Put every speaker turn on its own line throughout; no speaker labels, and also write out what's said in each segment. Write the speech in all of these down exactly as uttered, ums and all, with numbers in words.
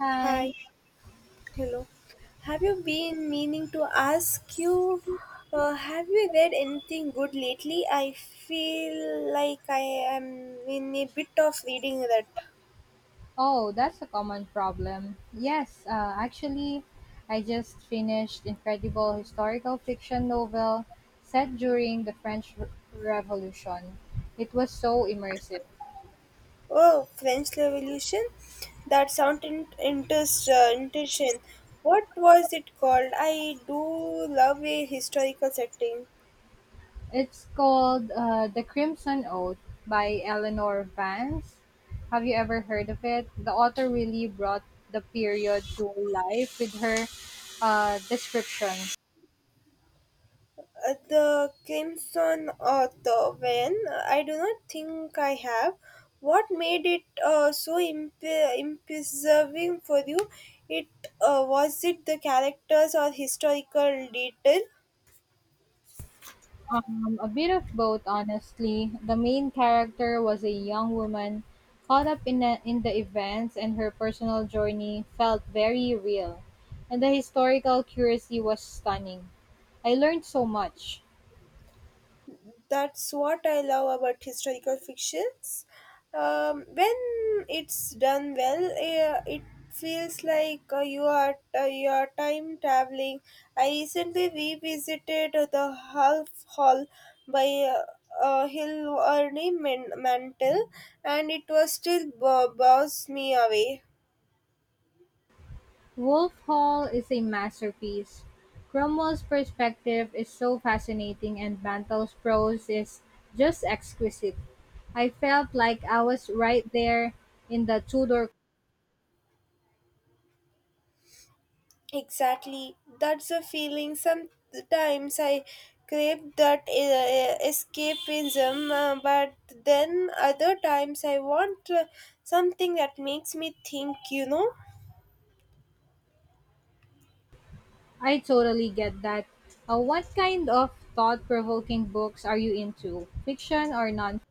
Hi.
Hi, hello. Have you been meaning to ask you? Uh, have you read anything good lately? I feel like I am in a bit of reading that.
Oh, that's a common problem. Yes, uh, actually, I just finished incredible historical fiction novel set during the French Re- Revolution. It was so immersive.
Oh, French Revolution? That sound in- interest, uh, interesting. What was it called? I do love a historical setting.
It's called uh, The Crimson Oath by Eleanor Vance. Have you ever heard of it? The author really brought the period to life with her uh, description.
Uh, the Crimson Author. When I do not think I have. What made it uh, so imp- imprising for you? It uh, Was it the characters or historical detail?
Um, a bit of both, honestly. The main character was a young woman caught up in the, in the events, and her personal journey felt very real. And the historical accuracy was stunning. I learned so much.
That's what I love about historical fictions. Um, when it's done well, uh, it feels like uh, you are uh, you are time traveling. I recently revisited the Half Hall by uh, uh, Hill Ernie Man- Mantel, and it was still bo- bows me away.
Wolf Hall is a masterpiece. Cromwell's perspective is so fascinating, and Mantel's prose is just exquisite. I felt like I was right there in the Tudor.
Exactly. That's a feeling. Sometimes I crave that uh, escapism, uh, but then other times I want uh, something that makes me think, you know.
I totally get that. Uh, what kind of thought provoking books are you into? Fiction or non?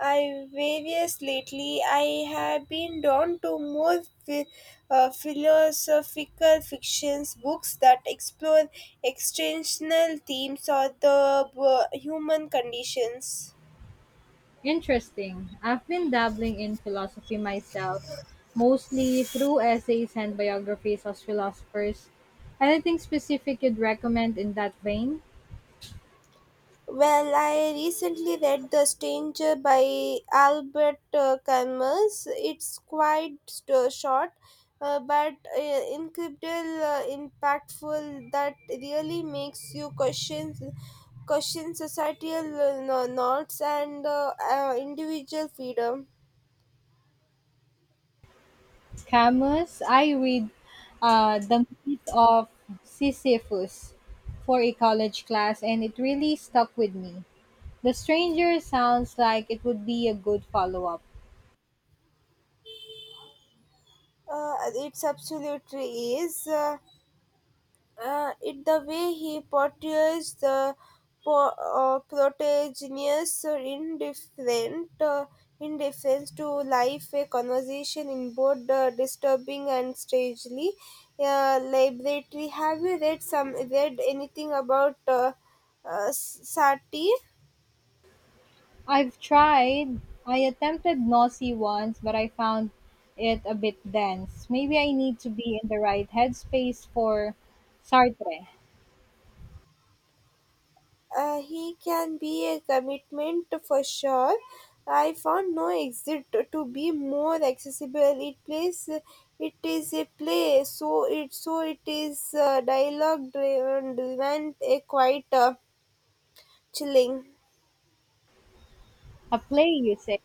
I various lately I have been drawn to more phi- uh, philosophical fictions books that explore extensional themes or the uh, human conditions.
Interesting. I've been dabbling in philosophy myself, mostly through essays and biographies of philosophers. Anything specific you'd recommend in that vein?
Well, I recently read The Stranger by Albert uh, Camus. It's quite st- short, uh, but uh, incredible, uh, impactful. That really makes you question question societal uh, no- norms and uh, uh, individual freedom.
Camus, I read uh, The Myth of Sisyphus for a college class, and it really stuck with me. The Stranger sounds like it would be a good follow up.
Uh, it's absolutely is. Uh, uh, it the way he portrays the po- uh, protagonist in different uh, in difference to life a conversation in both uh, disturbing and strangely uh, laboratory. Have you read some read anything about uh, uh, sati?
I've tried. I attempted Nosy once, but I found it a bit dense. Maybe I need to be in the right headspace for Sartre.
Uh, he can be a commitment for sure. I found no exit to be more accessible. It plays, it is a play, so it so it is uh, dialogue driven, driven, a quite uh, chilling.
A play, you say?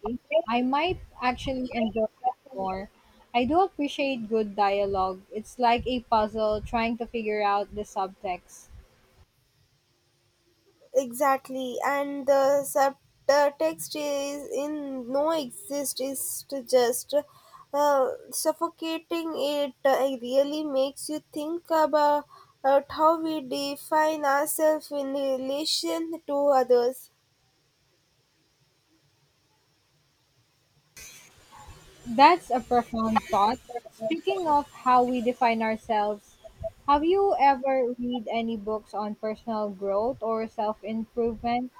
I might actually enjoy that more. I do appreciate good dialogue. It's like a puzzle trying to figure out the subtext.
Exactly, and the subtext is in no exist is to just uh, suffocating. It uh, really makes you think about about how we define ourselves in relation to others.
That's a profound thought. Speaking of how we define ourselves, have you ever read any books on personal growth or self improvement?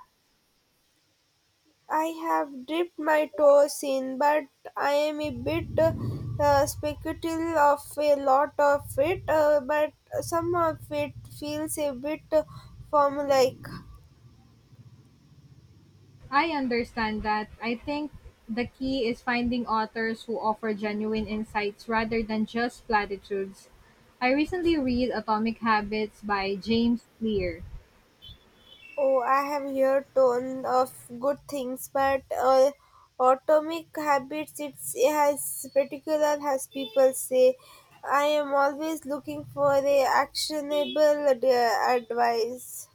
I have dipped my toes in, but I am a bit uh, uh, speculative of a lot of it, uh, but some of it feels a bit uh, formulaic.
I understand that. I think the key is finding authors who offer genuine insights rather than just platitudes. I recently read Atomic Habits by James Clear.
Oh, I have heard ton of good things, but uh, atomic habits it's, it has particular as people say. I am always looking for a actionable ad- advice.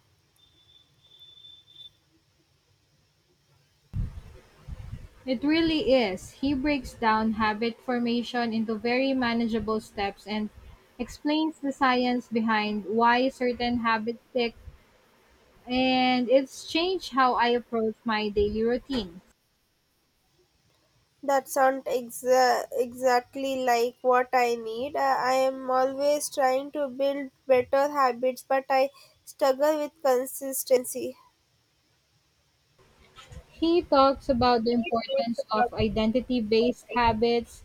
It really is. He breaks down habit formation into very manageable steps and explains the science behind why certain habits stick, and it's changed how I approach my daily routine.
That sound exa- exactly like what I need. Uh, I am always trying to build better habits, but I struggle with consistency.
He talks about the importance of identity based habits,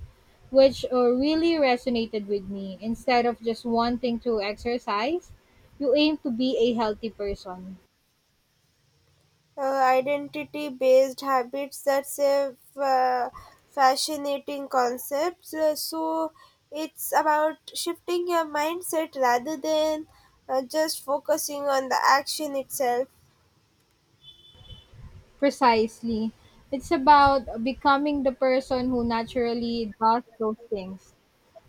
which uh, really resonated with me. Instead of just wanting to exercise, you aim to be a healthy person.
uh, Identity based habits, that's a uh, fascinating concept. So so it's about shifting your mindset rather than uh, just focusing on the action itself.
Precisely. It's about becoming the person who naturally does those things.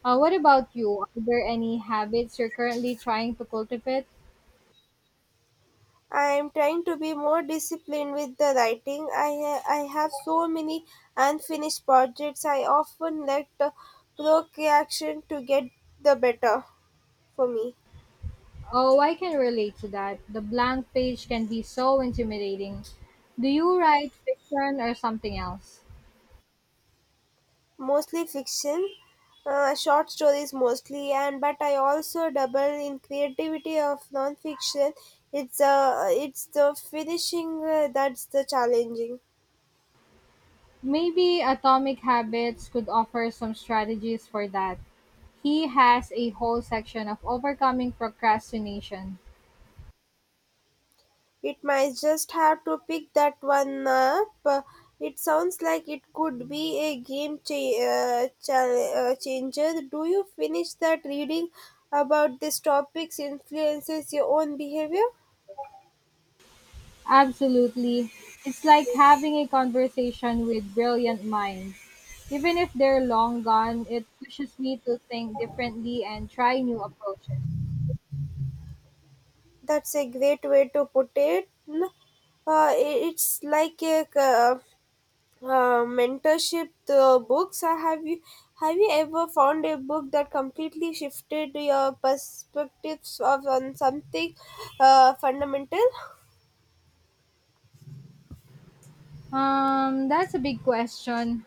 Uh, what about you? Are there any habits you're currently trying to cultivate?
I am trying to be more disciplined with the writing. i ha- I have so many unfinished projects. I often let uh, procrastination to get the better for me.
Oh, I can relate to that. The blank page can be so intimidating. Do you write fiction or something else?
Mostly fiction, uh, short stories mostly, and but I also double in creativity of non-fiction. It's uh, it's the finishing uh, that's the challenging.
Maybe Atomic Habits could offer some strategies for that. He has a whole section of overcoming procrastination.
It might just have to pick that one up. Uh, It sounds like it could be a game cha- uh, cha- uh, changer. Do you finish that reading about these topics influences your own behavior?
Absolutely. It's like having a conversation with brilliant minds. Even if they're long gone, it pushes me to think differently and try new approaches.
That's a great way to put it. N- Uh, i- it's like a uh, uh, mentorship uh, books. Uh, have you have you ever found a book that completely shifted your perspectives of on something uh, fundamental?
Um, that's a big question.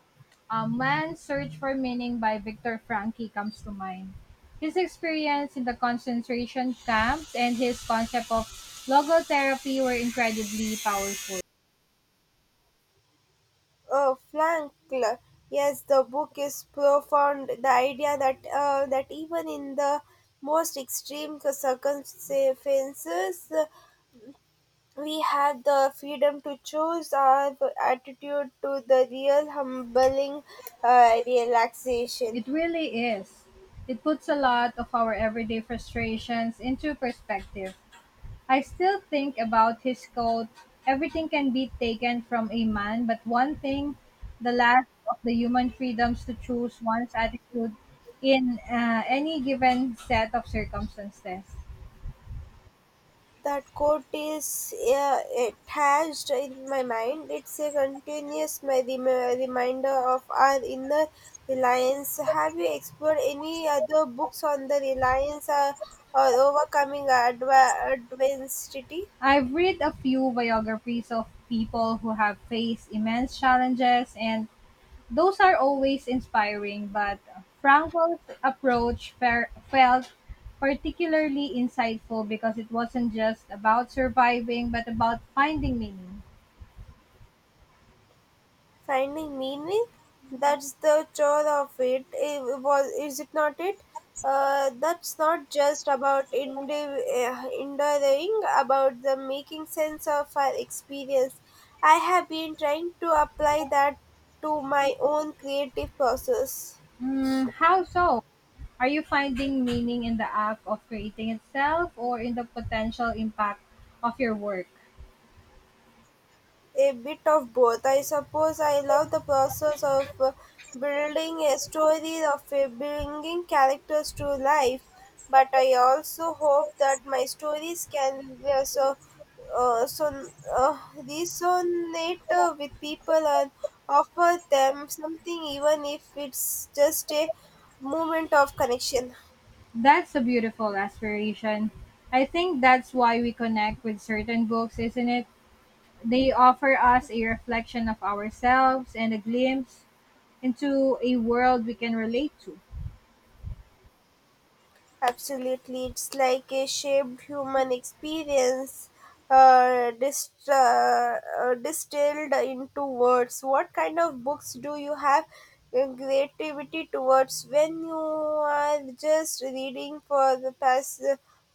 A man's search for meaning by Viktor Frankl comes to mind. His experience in the concentration camps and his concept of logotherapy were incredibly powerful.
Uh, Frank, yes, the book is profound. The idea that uh, that even in the most extreme circumstances, we had the freedom to choose our attitude to the real humbling uh, relaxation.
It really is. It puts a lot of our everyday frustrations into perspective. I still think about his quote, everything can be taken from a man, but one thing, the last of the human freedoms to choose one's attitude in uh, any given set of circumstances.
That quote is uh, attached in my mind. It's a continuous my rem- reminder of our inner reliance. Have you explored any other books on the reliance or, or overcoming adva- adversity?
I've read a few biographies of people who have faced immense challenges, and those are always inspiring, but Frankel's approach fer- felt particularly insightful because it wasn't just about surviving but about finding meaning.
Finding meaning, that's the chore of it, it was is it not it uh, that's not just about endeav- uh, enduring about the making sense of our experience. I have been trying to apply that to my own creative process.
Mm, how so? Are you finding meaning in the act of creating itself or in the potential impact of your work?
A bit of both. I suppose I love the process of uh, building a story, of uh, bringing characters to life, but I also hope that my stories can uh, so, uh, so, uh, resonate uh, with people and offer them something, even if it's just a moment of connection.
That's a beautiful aspiration. I think that's why we connect with certain books, isn't it? They offer us a reflection of ourselves and a glimpse into a world we can relate to.
Absolutely, it's like a shaped human experience uh, dist- uh, uh, distilled into words. What kind of books do you have uh, creativity towards when you are just reading for the past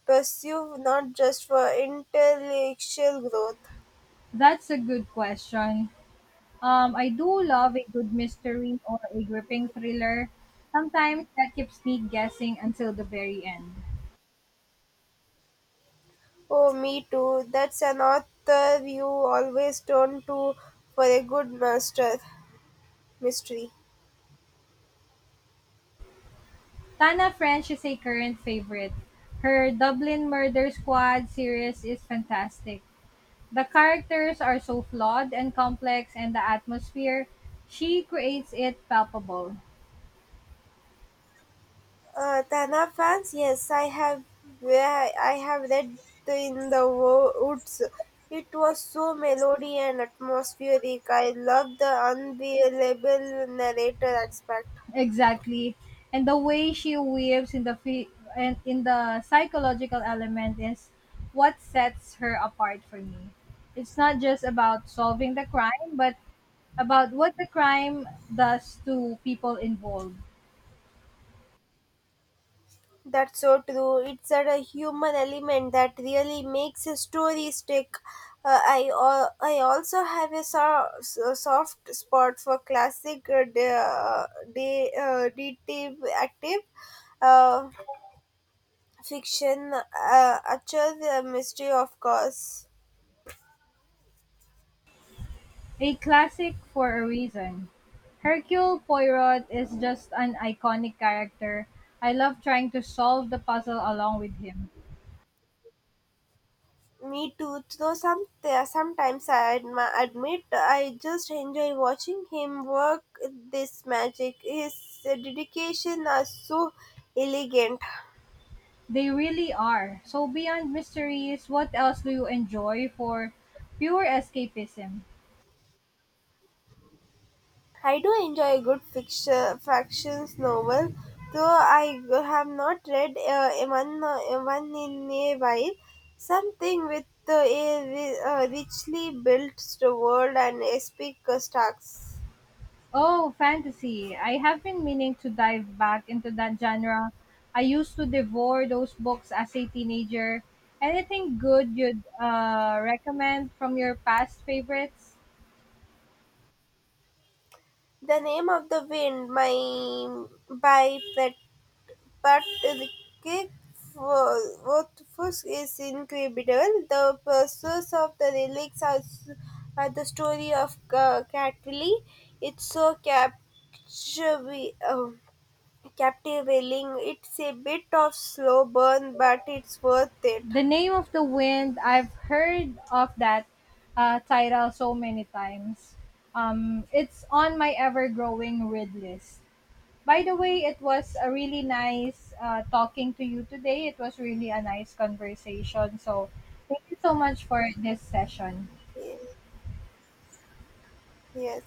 pursuit, not just for intellectual growth?
That's a good question. Um, I do love a good mystery or a gripping thriller. Sometimes that keeps me guessing until the very end.
Oh, me too. That's an author you always turn to for a good master mystery.
Tana French is a current favorite. Her Dublin Murder Squad series is fantastic. The characters are so flawed and complex, and the atmosphere she creates it palpable.
Uh, Tana fans, yes, I have I have read the in the Wo- woods. It was so melody and atmospheric. I love the unbelievable narrator aspect.
Exactly. And the way she weaves in the fi- and in the psychological element is what sets her apart for me. It's not just about solving the crime, but about what the crime does to people involved.
That's so true. It's at a human element that really makes a story stick. Uh, I al- I also have a so- so- soft spot for classic uh, de- uh, de- uh, detective active. uh, Fiction, uh, utter the mystery, of course.
A classic for a reason. Hercule Poirot is just an iconic character. I love trying to solve the puzzle along with him.
Me too, though some sometimes i admi- admit I just enjoy watching him work. This magic his dedication are so elegant.
They really are. So beyond mysteries, what else do you enjoy for pure escapism?
I do enjoy a good fiction factions novel, though I have not read uh, one, uh, one in a while. Something with uh, a ri- uh, richly built world and epic uh, stacks.
Oh, fantasy. I have been meaning to dive back into that genre. I used to devour those books as a teenager. Anything good you'd uh, recommend from your past favorites?
The Name of the Wind my by Pat Ricky Rothfuss is incredible. The pursuit of the relics are, s- are the story of uh, Catley. It's so captivating. captivating. It's a bit of slow burn, but it's worth it.
The Name of the Wind. I've heard of that uh, title so many times. Um, it's on my ever-growing read list. By the way, it was a really nice uh, talking to you today. It was really a nice conversation. So, thank you so much for this session.
Yes.